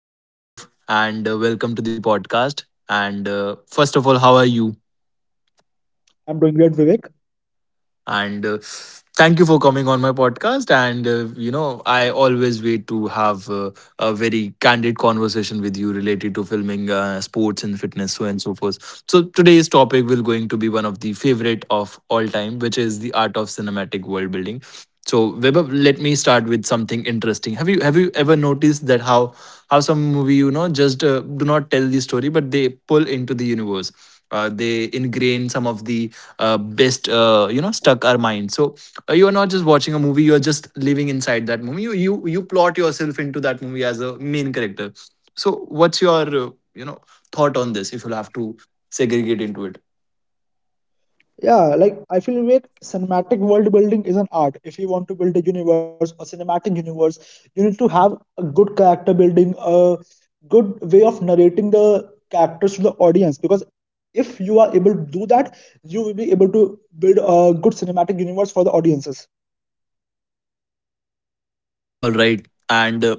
hello, Vibhav, and welcome to the podcast. And First of all, how are you? I'm doing great, Vivek. And Thank you for coming on my podcast. And, I always wait to have a very candid conversation with you related to filming, sports, and fitness, so and so forth. So today's topic will going to be one of the favorite of all time, which is the art of cinematic world building. So Weber, let me start with something interesting. Have you ever noticed that how some movie just do not tell the story but they pull into the universe. They ingrain some of the best stuck our mind. So you are not just watching a movie; you are just living inside that movie. You plot yourself into that movie as a main character. So what's your thought on this? If you'll have to segregate into it. Yeah, like I feel Vivek, cinematic world building is an art. If you want to build a universe, a cinematic universe, you need to have a good character building, a good way of narrating the characters to the audience. Because if you are able to do that, you will be able to build a good cinematic universe for the audiences. All right, and.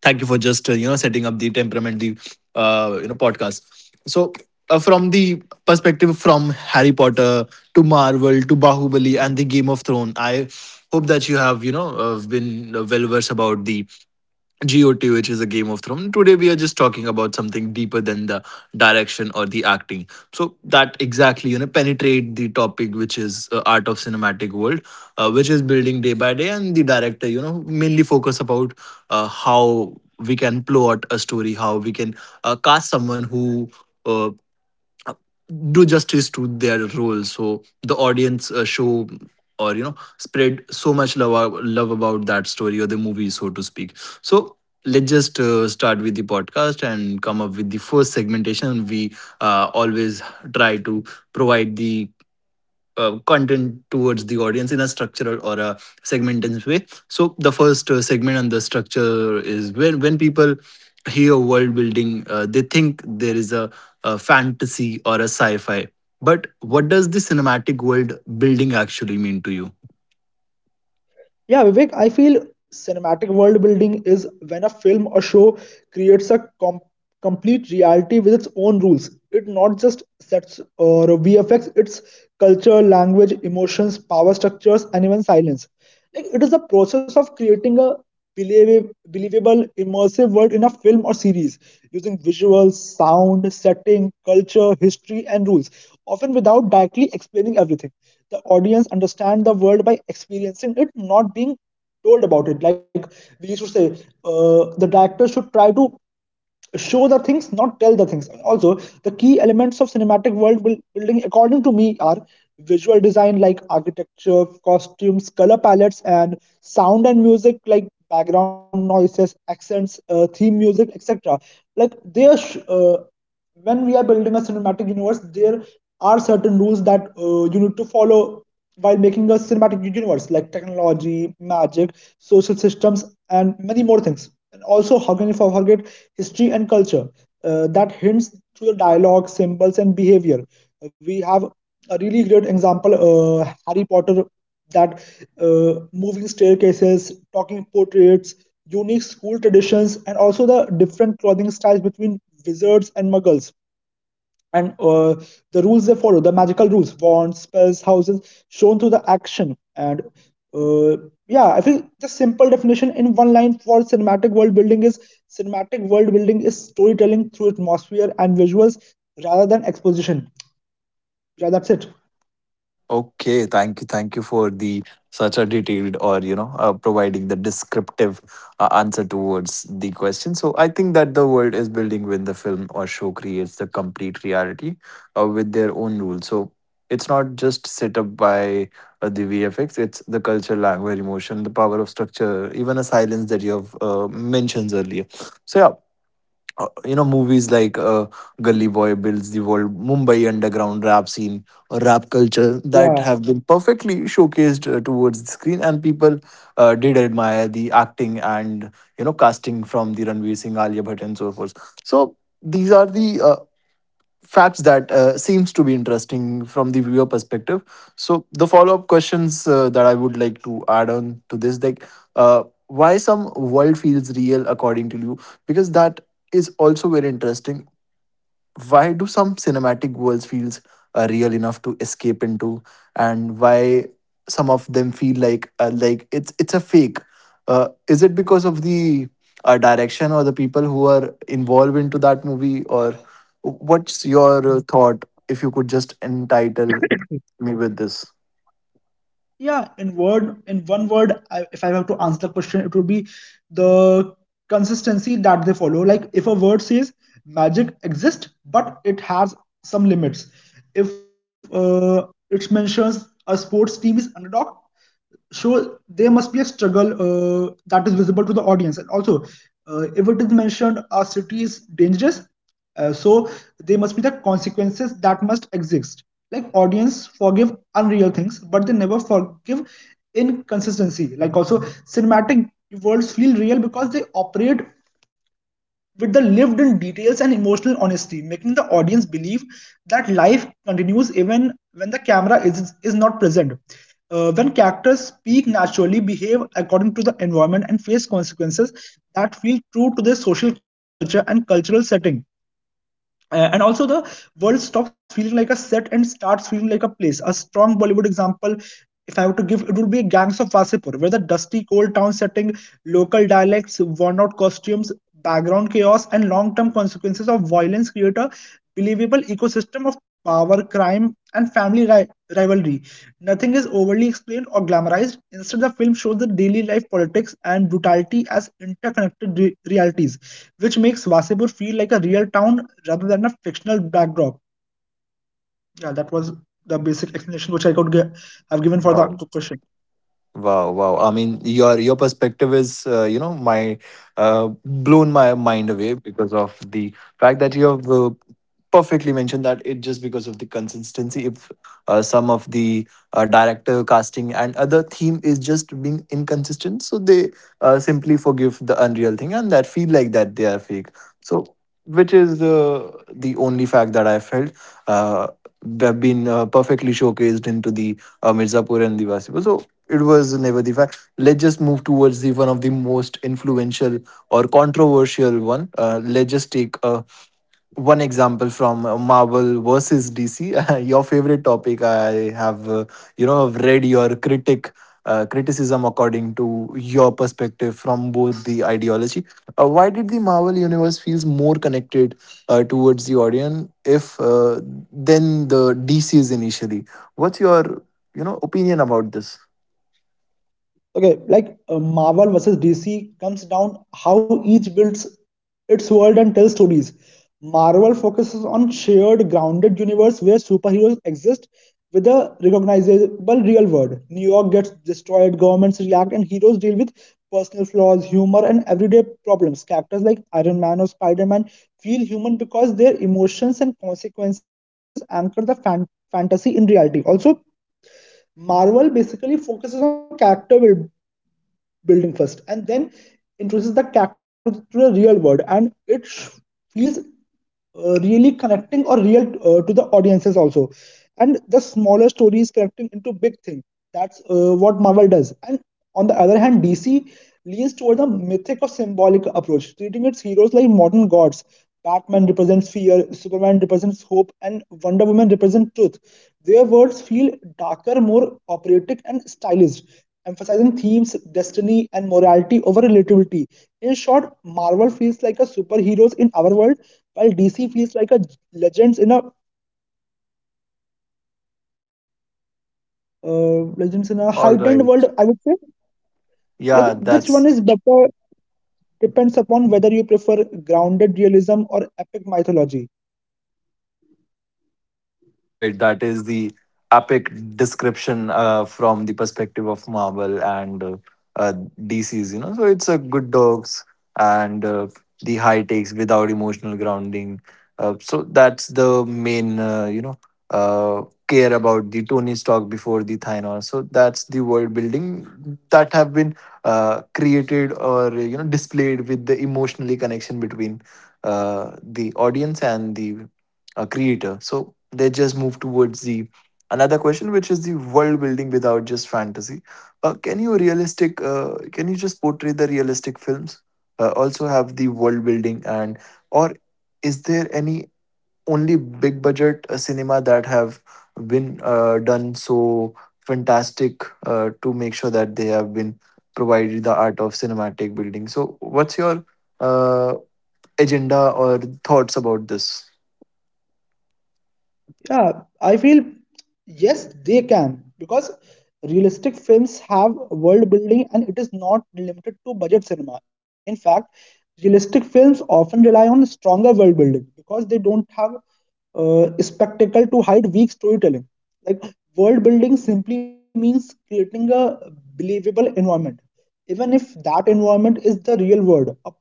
Thank you for just setting up the temperament the podcast so from the perspective from harry potter to marvel to bahubali and the game of thrones I hope that you have you know been well versed about the GOT, which is a Game of Thrones. Today, we are just talking about something deeper than the direction or the acting. So that exactly, you know, penetrate the topic, which is art of cinematic world, which is building day by day, and the director, you know, mainly focus about how we can plot a story, how we can cast someone who. uh, do justice to their role so the audience show or you know spread so much love about that story or the movie so to speak so let's just start with the podcast and come up with the first segmentation we always try to provide the content towards the audience in a structural or a segmented way. So the first segment and the structure is when people hear world building, they think there is a fantasy or a sci-fi. But what does the cinematic world building actually mean to you? Yeah, Vivek, I feel cinematic world building is when a film or show creates a complete reality with its own rules. It not just sets or VFX, it's culture, language, emotions, power structures, and even silence, like it is a process of creating a believable immersive world in a film or series using visuals, sound, setting, culture, history and rules, often without directly explaining everything. The audience understand the world by experiencing it, not being told about it. Like we used to say, the director should try to show the things, not tell the things. Also, the key elements of cinematic world building according to me are visual design like architecture, costumes, color palettes, and sound and music like background noises, accents, theme music, etc. like they are sh- uh, when we are building a cinematic universe, there are certain rules that you need to follow while making a cinematic universe, like technology, magic, social systems, and many more things. And also, how can you forget history and culture that hints to the dialogue, symbols, and behavior? We have a really great example, Harry Potter, that moving staircases, talking portraits, unique school traditions, and also the different clothing styles between wizards and muggles, and the rules they follow, the magical rules, wands, spells, houses, shown through the action. And uh, yeah, I feel the simple definition in one line for cinematic world building is: cinematic world building is storytelling through atmosphere and visuals rather than exposition. Yeah, that's it. Okay, thank you for the such a detailed or you know providing the descriptive answer towards the question. So I think that the world is building when the film or show creates the complete reality with their own rules. So it's not just set up by the VFX; it's the culture, language, emotion, the power of structure, even a silence that you have mentioned earlier. So yeah, movies like Gully Boy builds the world, Mumbai underground rap scene or rap culture that Yeah. have been perfectly showcased towards the screen, and people did admire the acting and you know casting from the Ranveer Singh, Alia Bhatt, and so forth. So these are the facts that seems to be interesting from the viewer perspective so the follow-up questions that I would like to add on to this like why some world feels real according to you because that is also very interesting why do some cinematic worlds feels real enough to escape into and why some of them feel like like it's a fake is it because of the direction or the people who are involved into that movie or what's your thought if you could just entitle me with this. In one word, if I have to answer the question, it would be the consistency that they follow. Like if a word says magic exists, but it has some limits. If it mentions a sports team is underdog, so there must be a struggle that is visible to the audience. And also, if it is mentioned a city is dangerous, so there must be the consequences that must exist. Like, audience forgive unreal things, but they never forgive inconsistency. Like, also, cinematic worlds feel real because they operate with the lived in details and emotional honesty, making the audience believe that life continues even when the camera is not present. When characters speak naturally, behave according to the environment, and face consequences that feel true to their social culture and cultural setting. And also, the world stops feeling like a set and starts feeling like a place. A strong Bollywood example, if I were to give, it would be Gangs of Wasipur, where the dusty cold town setting, local dialects, worn out costumes, background chaos, and long-term consequences of violence create a believable ecosystem of power, crime, and family rivalry. Nothing is overly explained or glamorized. Instead, the film shows the daily life, politics, and brutality as interconnected realities, which makes Vasipur feel like a real town rather than a fictional backdrop. Yeah, that was the basic explanation which I could give. Have given for the question. Wow, wow. I mean, your perspective is, my blown my mind away because of the fact that you have perfectly mentioned that it just because of the consistency. If some of the director casting and other theme is just being inconsistent, so they simply forgive the unreal thing and that feel like that they are fake. So, which is the only fact that I felt uh, have been perfectly showcased into the Mirzapur and Diwasi. So, it was never the fact. Let's just move towards the one of the most influential or controversial one. Let's just take a one example from Marvel versus DC. Your favorite topic. I have, have read your critic criticism according to your perspective from both the ideology. Why did the Marvel universe feels more connected towards the audience if than the DC's initially? What's your opinion about this? okay like Marvel versus DC comes down how each builds its world and tells stories. Marvel focuses on shared grounded universe where superheroes exist with a recognizable real world. New York gets destroyed, governments react, and heroes deal with personal flaws, humor, and everyday problems. Characters like Iron Man or Spider-Man feel human because their emotions and consequences anchor the fantasy in reality. Also, Marvel basically focuses on character building first and then introduces that character to the real world, and it feels really connecting or real to the audiences. Also, and the smaller stories connecting into big thing, that's what Marvel does. And on the other hand, DC leans toward the mythic or symbolic approach, treating its heroes like modern gods. Batman represents fear, Superman represents hope, and Wonder Woman represents truth. Their worlds feel darker, more operatic, and stylized, emphasizing themes, destiny, and morality over relatability. In short, Marvel feels like a superheroes in our world, while DC feels like a legends in a All right. heightened world, I would say. Yeah, Like, which that's one is better depends upon whether you prefer grounded realism or epic mythology. All right. That is the epic description from the perspective of Marvel and uh, DC's, you know. So it's a good dogs and the high takes without emotional grounding. So that's the main, uh, care about the Tony's talk before the Thanos. So that's the world building that have been created or, you know, displayed with the emotionally connection between the audience and the a creator. So they just move towards the another question, which is the world building without just fantasy. Can you realistic? Can you just portray the realistic films? Also have the world building and or is there any only big budget cinema that have been done so fantastic to make sure that they have been provided the art of cinematic building. So what's your uh, agenda or thoughts about this? Yeah, I feel yes, they can, because realistic films have world building and it is not limited to budget cinema. In fact, realistic films often rely on stronger world building because they don't have spectacle to hide weak storytelling. Like, world building simply means creating a believable environment, even if that environment is the real world. A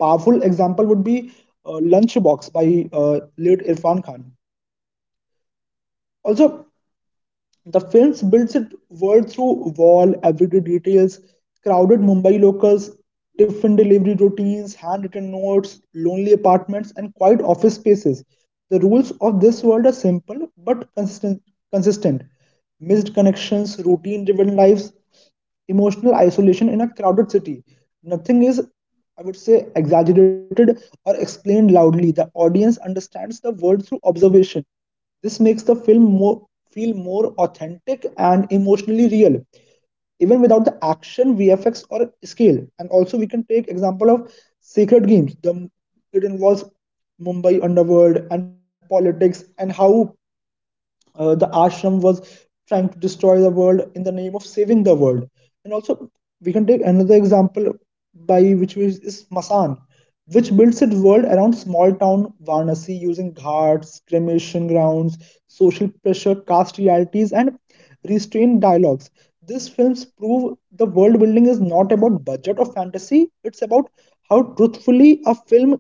powerful example would be Lunchbox by late Irfan Khan. Also, the film builds its world through wall, everyday details, crowded Mumbai locals, different delivery routines, handwritten notes, lonely apartments, and quiet office spaces. The rules of this world are simple but consistent. Missed connections, routine driven lives, emotional isolation in a crowded city. Nothing is, I would say, exaggerated or explained loudly. The audience understands the world through observation. This makes the feel more authentic and emotionally real, even without the action, VFX, or scale. And also, we can take example of Sacred Games. It involves Mumbai underworld and politics, and how the ashram was trying to destroy the world in the name of saving the world. And also, we can take another example by which is Masan, which builds its world around small town Varanasi using ghats, cremation grounds, social pressure, caste realities, and restrained dialogues. These films prove the world building is not about budget or fantasy, it's about how truthfully a film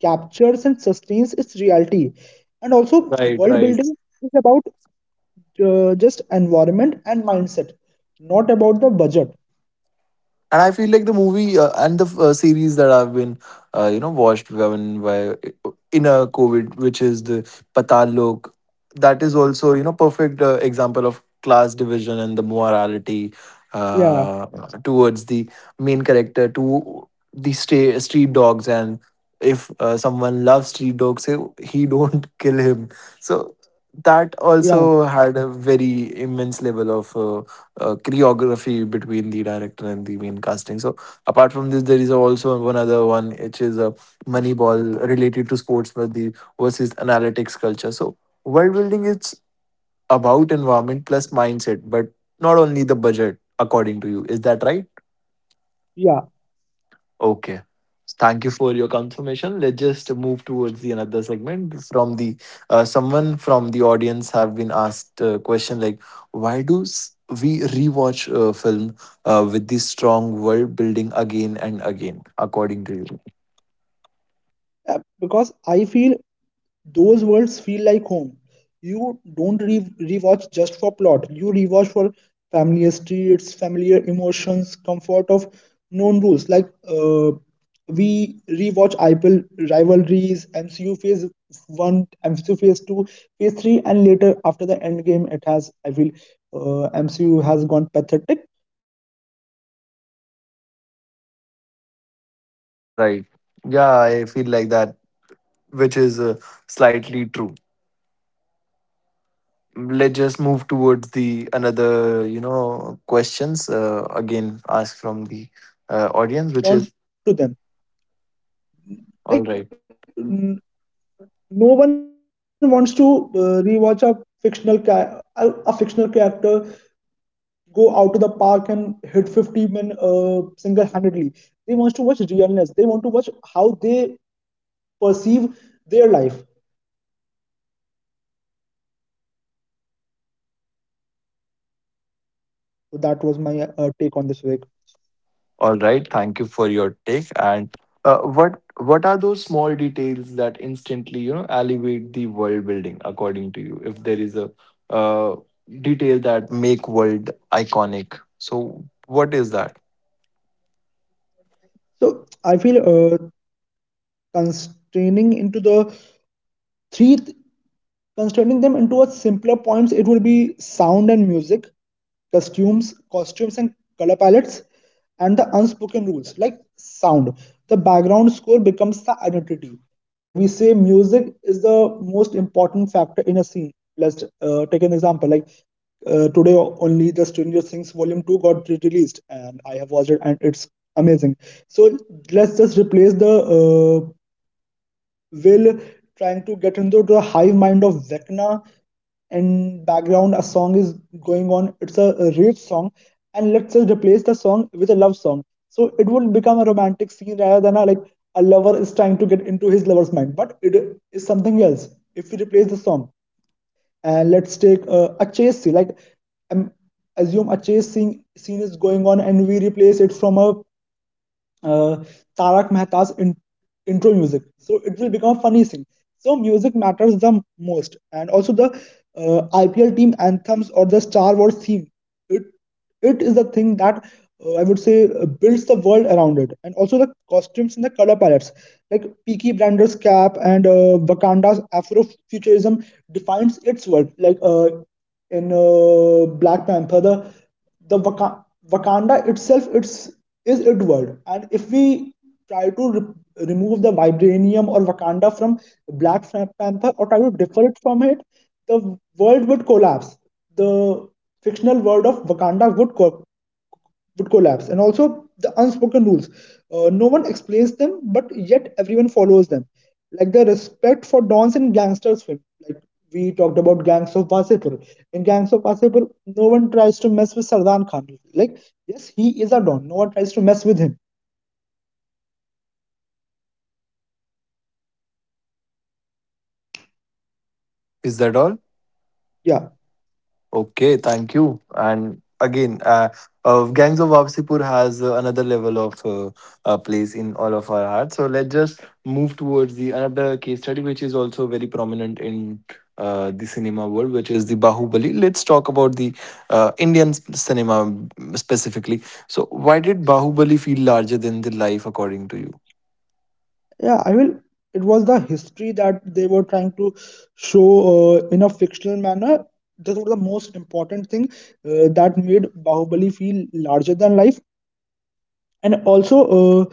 captures and sustains its reality. And also, Right, world right. building is about just environment and mindset, not about the budget. And I feel like the movie and the series that I've been, watched when by in a COVID, which is the Patal Lok, that is also you know perfect example of class division and the morality Yeah, uh, towards the main character to the street dogs and if someone loves street dogs, he don't kill him. So that yeah, also had a very immense level of choreography between the director and the main casting. So apart from this, there is also one other one which is a Moneyball related to sports but the versus analytics culture. So world building it's about environment plus mindset, but not only the budget. According to you, is that right? yeah. Okay. Thank you for your confirmation. Let's just move towards the another segment from the someone from the audience have been asked a question like why do s- we rewatch a film with this strong world building again and again according to you? Because I feel those worlds feel like home. You don't rewatch just for plot. You rewatch for familiar streets, familiar emotions, comfort of known rules. Like we rewatch IPL rivalries, MCU Phase One, MCU Phase Two, Phase Three, and later after the end game, it has, I feel, MCU has gone pathetic. But we also rewatch many movies, Right, uh, right. like Yeah, I Gangs feel of like that Wasipur, that feels which is real and immersive. slightly true. The strong world buildings Let's just completely move depends towards on, the another I you will say, know questions the realness again or the asked from rawness the of the situation, audience making which us is want to return to them. all right. Like no one wants to rewatch a fictional character go out to the park and hit 50 men single-handedly. They want to watch realness. They want to watch how they perceive their life. So that was my take on this, week. All right, thank you for your take and what are those small details that instantly you know elevate the world building according to you if there is a uh, detail that make world iconic so what is that. So I feel uh, constraining into the three. Constraining them into a simpler points, it would be sound and music, costumes and color palettes, and the unspoken rules. Like, sound. The background score becomes the identity. Like, we say music is the most important factor in a scene. Let's take an example. Like, today, only the Stranger Things Volume Two got released, and I have watched it, and it's amazing. So let's just replace the Will trying to get into the hive mind of Vecna, and background a song is going on. It's a rage song, and let's just replace the song with a love song. So it would become a romantic scene, rather than a like a lover is trying to get into his lover's mind. But it is something else if we replace the song. And let's take a chase scene, like um, assume a scene is going on, and we replace it from a uh, Tarak Mehta's intro music. So it will become a funny thing. So music matters the most, and also the IPL team anthems or the Star Wars theme. It it is the thing that I would say builds the world around it. And also the costumes and the color palettes, like Peaky Blinder's cap and Wakanda's Afrofuturism defines its world. Like in Black Panther, Wakanda itself is id world, and if we try to remove the vibranium or Wakanda from Black Panther or try to differ it from it, the world would collapse. The fictional world of Wakanda would collapse. And also the unspoken rules. No one explains them, but yet everyone follows them. Like the respect for dons in gangsters film. Like, we talked about Gangs of Wasepur. In Gangs of Wasepur, no one tries to mess with Sardan Khan. Like yes, he is a don. No one tries to mess with him. Is that all? Yeah, Okay, thank you. And again, Gangs of Wapsipur has another level of place in all of our hearts. So let's just move towards the another case study, which is also very prominent in the cinema world, which is the Bahubali. Let's talk about the Indian cinema mm, specifically. So, why did Bahubali feel larger than the life, according to you? yeah. I will. It was the history that they were trying to show in a fictional manner. That was the most important thing that made Bahubali feel larger than life, and also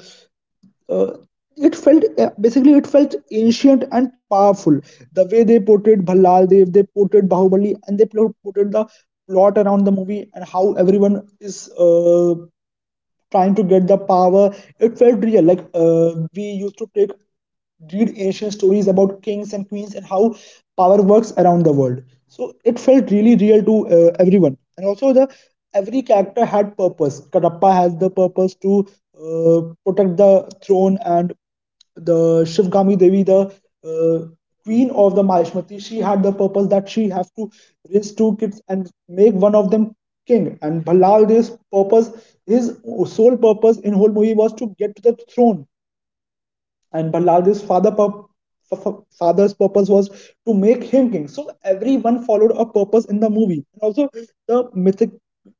uh, it felt basically it felt ancient and powerful, the way they portrayed Bhallal Dev, they portrayed Bahubali, and they portrayed the plot around the movie and how everyone is trying to get the power. It felt real. Like we used to take read ancient stories about kings and queens and how power works around the world. So it felt really real to everyone. And also, the every character had purpose. Kadappa has the purpose to protect the throne, and the Shivgami Devi, the uh, queen of the Mahishmati, she had the purpose that she have to raise two kids and make one of them king. And Ballal Dev's purpose, his sole purpose in whole movie was to get to the throne. And Balladi's father father's purpose was to make him king. So everyone followed a purpose in the movie, and also the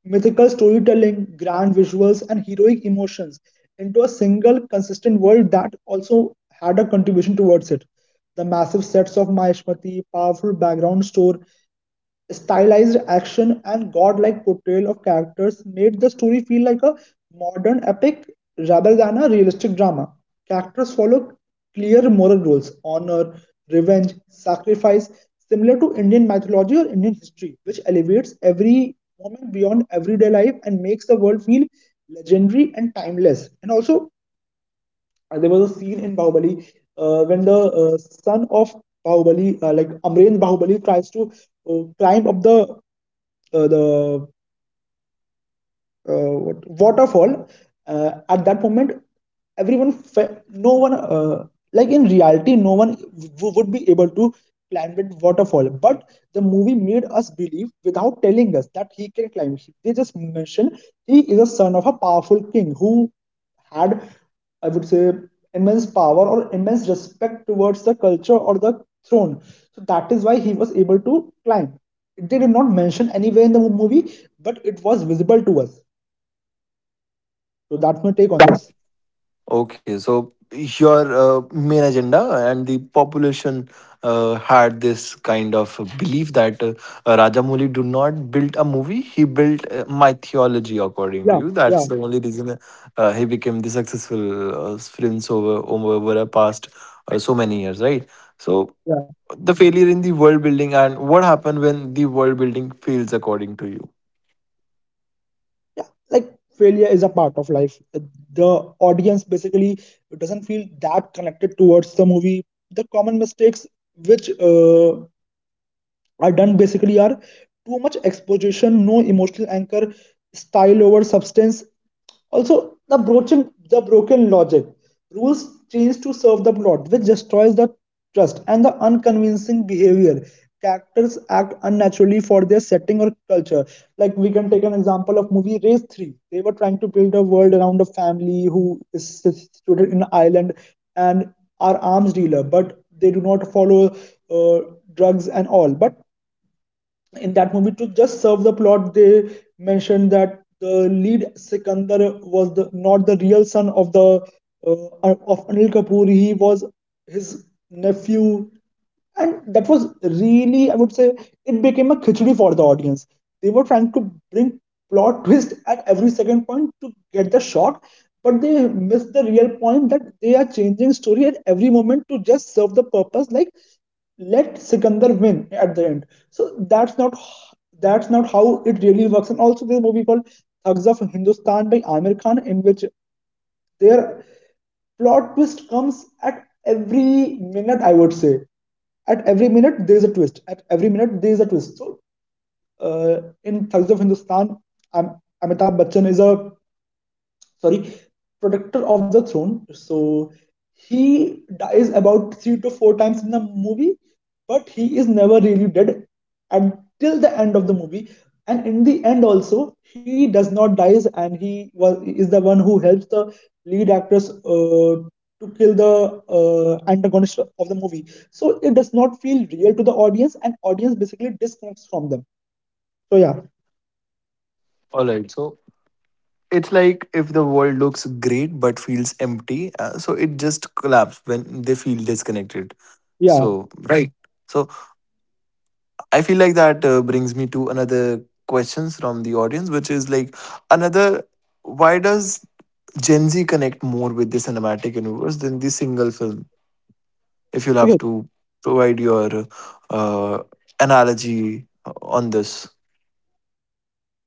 mythical storytelling, grand visuals, and heroic emotions into a single consistent world that also had a contribution towards it. The massive sets of Maheshmati, powerful background store, stylized action, and godlike portrayal of characters made the story feel like a modern epic rather than a realistic drama. Characters follow clear moral rules: honor, revenge, sacrifice, similar to Indian mythology or Indian history, which elevates every moment beyond everyday life and makes the world feel legendary and timeless. And also, there was a scene in Bahubali when the son of Bahubali, like Amren Bahubali, tries to climb up the 呃的 waterfall. Uh, at that moment, everyone no one, like in reality, no one would be able to climb that waterfall, but the movie made us believe without telling us that he can climb. They just mention he is a son of a powerful king who had, I would say, immense power or immense respect towards the culture or the throne. So that is why he was able to climb. They did not mention anywhere in the movie, but it was visible to us. So that's my take on this. Okay, so your main agenda and the population had this kind of belief that Rajamouli do not build a movie; he built my theology. According to you, Yeah, that's the yeah, only reason he became the successful films over the past so many years, right? So yeah, the failure in the world building and what happened when the world building fails, according to you. yeah. Like failure is a part of life. The audience basically doesn't feel that connected towards the movie. The common mistakes which are done basically are too much exposition, no emotional anchor, style over substance. Also, the broken logic, rules change to serve the plot, which destroys the trust, and the unconvincing behavior. Characters act unnaturally for their setting or culture. Like we can take an example of movie Race Three. They were trying to build a world around a family who is situated in an island and are arms dealer, but they do not follow uh, drugs and all. But in that movie, to just serve the plot, they mentioned that the lead Sikandar was not the real son of the of Anil Kapoor. He was his nephew, and that was really, I would say, it became a khichdi for the audience. They were trying to bring plot twist at every second point to get the shock, but they missed the real point that they are changing story at every moment to just serve the purpose, like let Sikandar win at the end. So that's not how it really works. And also, there's a movie called Thugs of Hindustan by Amir Khan, in which their plot twist comes at every minute, I would say. At every minute there is a twist. At every minute there is a twist. So in Thugs of Hindustan, Amitabh Bachchan is a sorry, protector of the throne. So he dies about three to four times in the movie, but he is never really dead until the end of the movie. And in the end, also, he does not dies, and he was is the one who helps the lead actress to kill the antagonist of the movie. So it does not feel real to the audience, and audience basically disconnects from them. So yeah, All right, so it's like if the world looks great but feels empty, so it just collapses when they feel disconnected. yeah. So right. So I feel like that brings me to another questions from the audience, which is like another. Why does Gen Z connect more with the cinematic universe than the single film? If you'll have Okay, to provide your uh, analogy on this.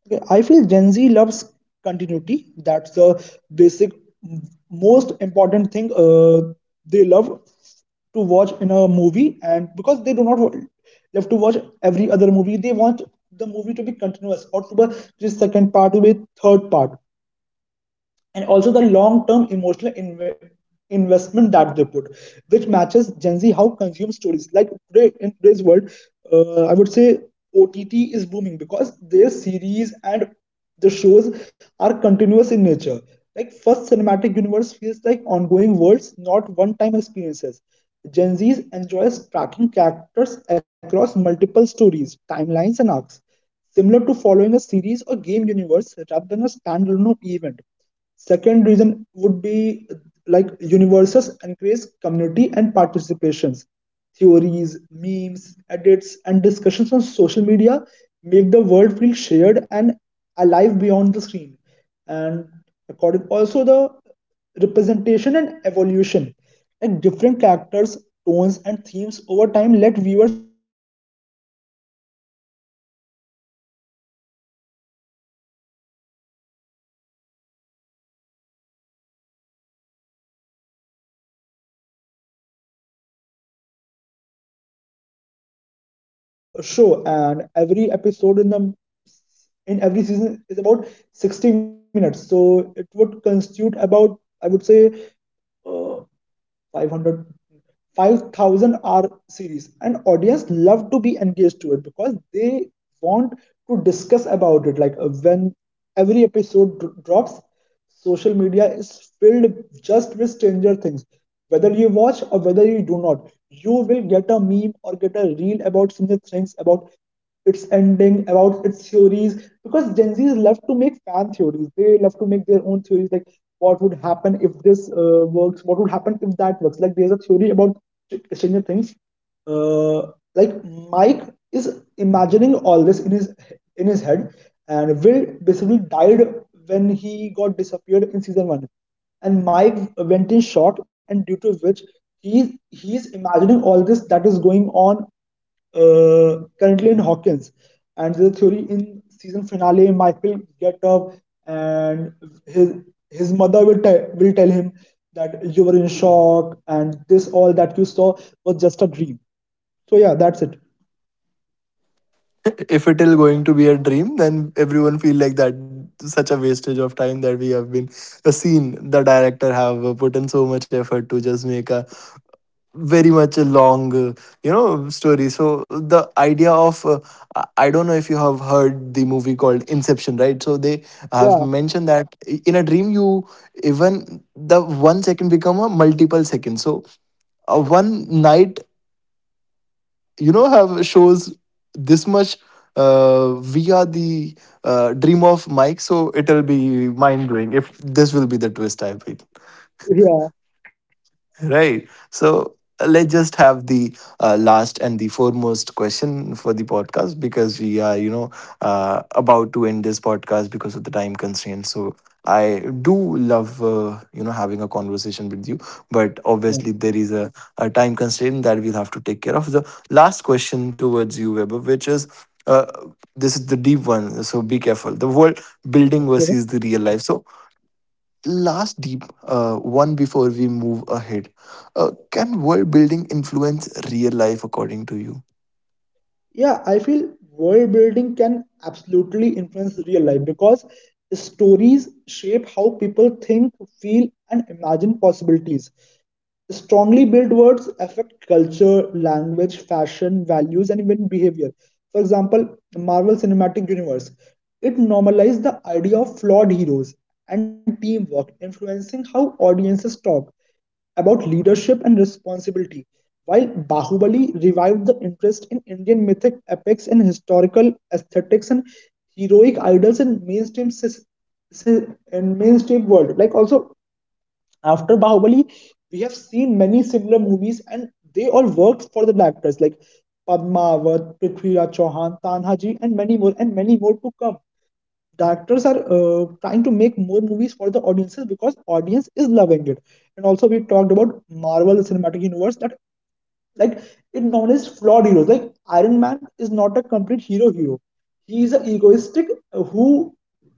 Okay, I feel Gen Z loves continuity. That's the basic, most important thing they love to watch in a movie, and because they do not love to watch every other movie, they want the movie to be continuous or to be this second part to be third part, and also the long-term emotional investment that they put, which matches Gen Z how consume stories. Like today's world, I would say OTT is booming because their series and the shows are continuous in nature. Like first cinematic universe feels like ongoing worlds, not one-time experiences. Gen Z enjoys tracking characters across multiple stories, timelines, and arcs similar to following a series or game universe rather than a standalone event. Second reason would be like universes encourage community and participations. Theories, memes, edits, and discussions on social media make the world feel shared and alive beyond the screen. And according also the representation and evolution. Like different characters, tones, and themes over time let viewers find someone to relate and grow with. In contrast, single films end quickly, while cinematic universe offer a space Gen Z can return to, belong to, and keep exploring. Like we talked about Stranger Things. It's a five seasons show, and every episode in every season is about 60 minutes. So it would constitute about, I would say, uh, 500, five thousand 5,000 hour series, and audience love to be engaged to it because they want to discuss about it. Like when every episode drops, social media is filled just with Stranger Things, whether you watch or whether you do not. You will get a meme or get a reel about Stranger Things, about its ending, about its theories. Because Gen Zs love to make fan theories. They love to make their own theories, like what would happen if this works, what would happen if that works. Like there's a theory about Stranger Things. Uh, like Mike is imagining all this in his head, and Will basically died when he got disappeared in season one, and Mike went in shock, and due to which he's imagining all this that is going on currently in Hawkins. And the theory in season finale, Mike will get up, and his his mother will tell him that you were in shock and this all that you saw was just a dream. So yeah, that's it. If it is going to be a dream then everyone feel like that such a wastage of time that we have been seen the director have put in so much effort to just make a very much a long story so the idea of I don't know if you have heard the movie called inception right so they have Yeah, mentioned that in a dream you even the one second become a multiple second so one night you know have shows this much via the dream of mike so it'll be mind blowing if this will be the twist I feel. yeah, Right. So let's just have the last and the foremost question for the podcast because we are, you know, about to end this podcast because of the time constraints. So I do love, having a conversation with you, but yeah. obviously there is a time constraint that we'll have to take care of. The last question towards you, Weber, which is. Uh, this is the deep one, so be careful. The world building Okay. versus the real life. So, last deep one before we move ahead can world building influence real life according to you. Yeah, I feel world building can absolutely influence real life because stories shape how people think, feel, and imagine possibilities. Strongly built words affect culture, language, fashion, values, and even behavior. For example, Marvel Cinematic Universe. It normalized the idea of flawed heroes and teamwork, influencing how audiences talk about leadership and responsibility, while Bahubali revived the interest in Indian mythic epics and historical aesthetics and heroic idols in mainstream world. Like also, after Bahubali, we have seen many similar movies, and they all worked for the directors like Padmavat, Prithviraj Chauhan, Tanhaji, and many more to come. Directors are trying to make more movies for the audiences because audience is loving it. And also, we talked about Marvel Cinematic Universe that, like, it acknowledged flawed heroes. Like Iron Man is not a complete hero. He is an egoistic who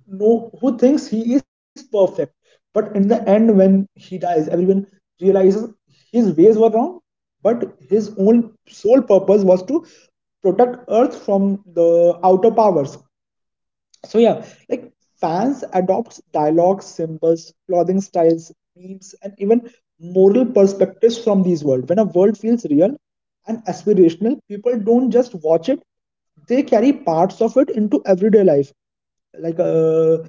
who thinks he is perfect. But in the end, when he dies, everyone realizes his ways were wrong, but his own sole purpose was to protect Earth from the outer powers. So yeah, like fans adopt dialogues, symbols, clothing styles, memes, and even moral perspectives from these world. When a world feels real and aspirational, people don't just watch it; they carry parts of it into everyday life. Like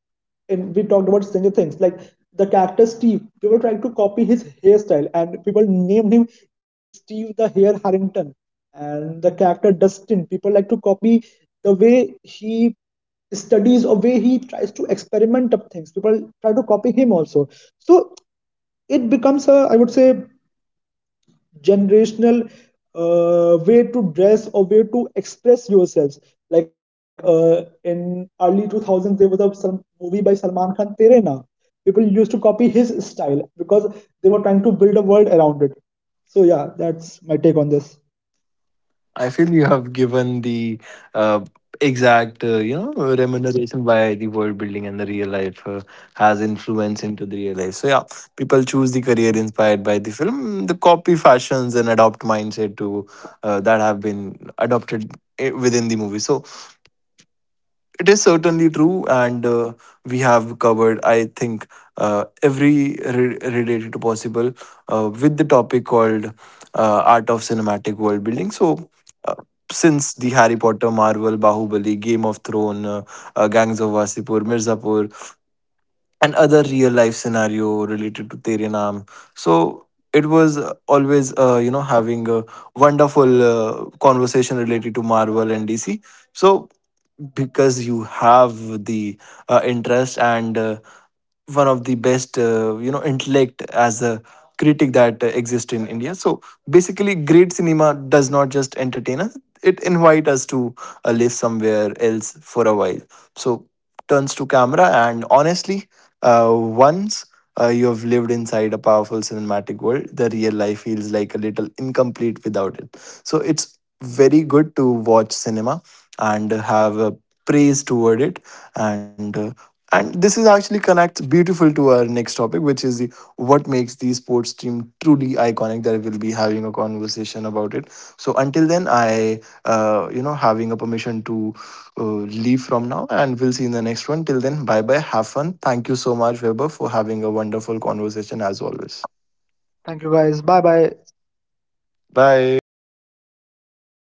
and we talked about Stranger Things, like the character Steve, people tried to copy his hairstyle, and people named him Steve the Hair Harrington. And the character Dustin, people like to copy the way he studies or way he tries to experiment up things. People try to copy him also. So it becomes a, I would say, generational way to dress or way to express yourselves. Like in early 2000s, there was a some movie by Salman Khan, Tere Na. People used to copy his style because they were trying to build a world around it. So yeah, that's my take on this. I feel you have given the uh, exact remuneration why the world building and the real life has influence into the real life so yeah people choose the career inspired by the film the copy fashions and adopt mindset to that have been adopted within the movie so it is certainly true, and we have covered, I think, related to possible with the topic called Art of Cinematic World Building. So, uh, since the Harry Potter, Marvel, Bahubali, Game of Thrones, Gangs of Wasipur, Mirzapur, and other real life scenario related to Tere Naam. So it was having a wonderful conversation related to Marvel and DC. So because you have the interest and one of the best intellect as a critic that exists in india so basically great cinema does not just entertain us it invite us to live somewhere else for a while so turns to camera and honestly once you have lived inside a powerful cinematic world the real life feels like a little incomplete without it so it's very good to watch cinema and have a praise toward it and uh, and this is actually connects beautiful to our next topic which is the what makes the sports team truly iconic that we'll be having a conversation about it so until then I having a permission to leave from now and we'll see in the next one till then bye bye have fun thank you so much weber for having a wonderful conversation as always Thank you guys. Bye bye. bye.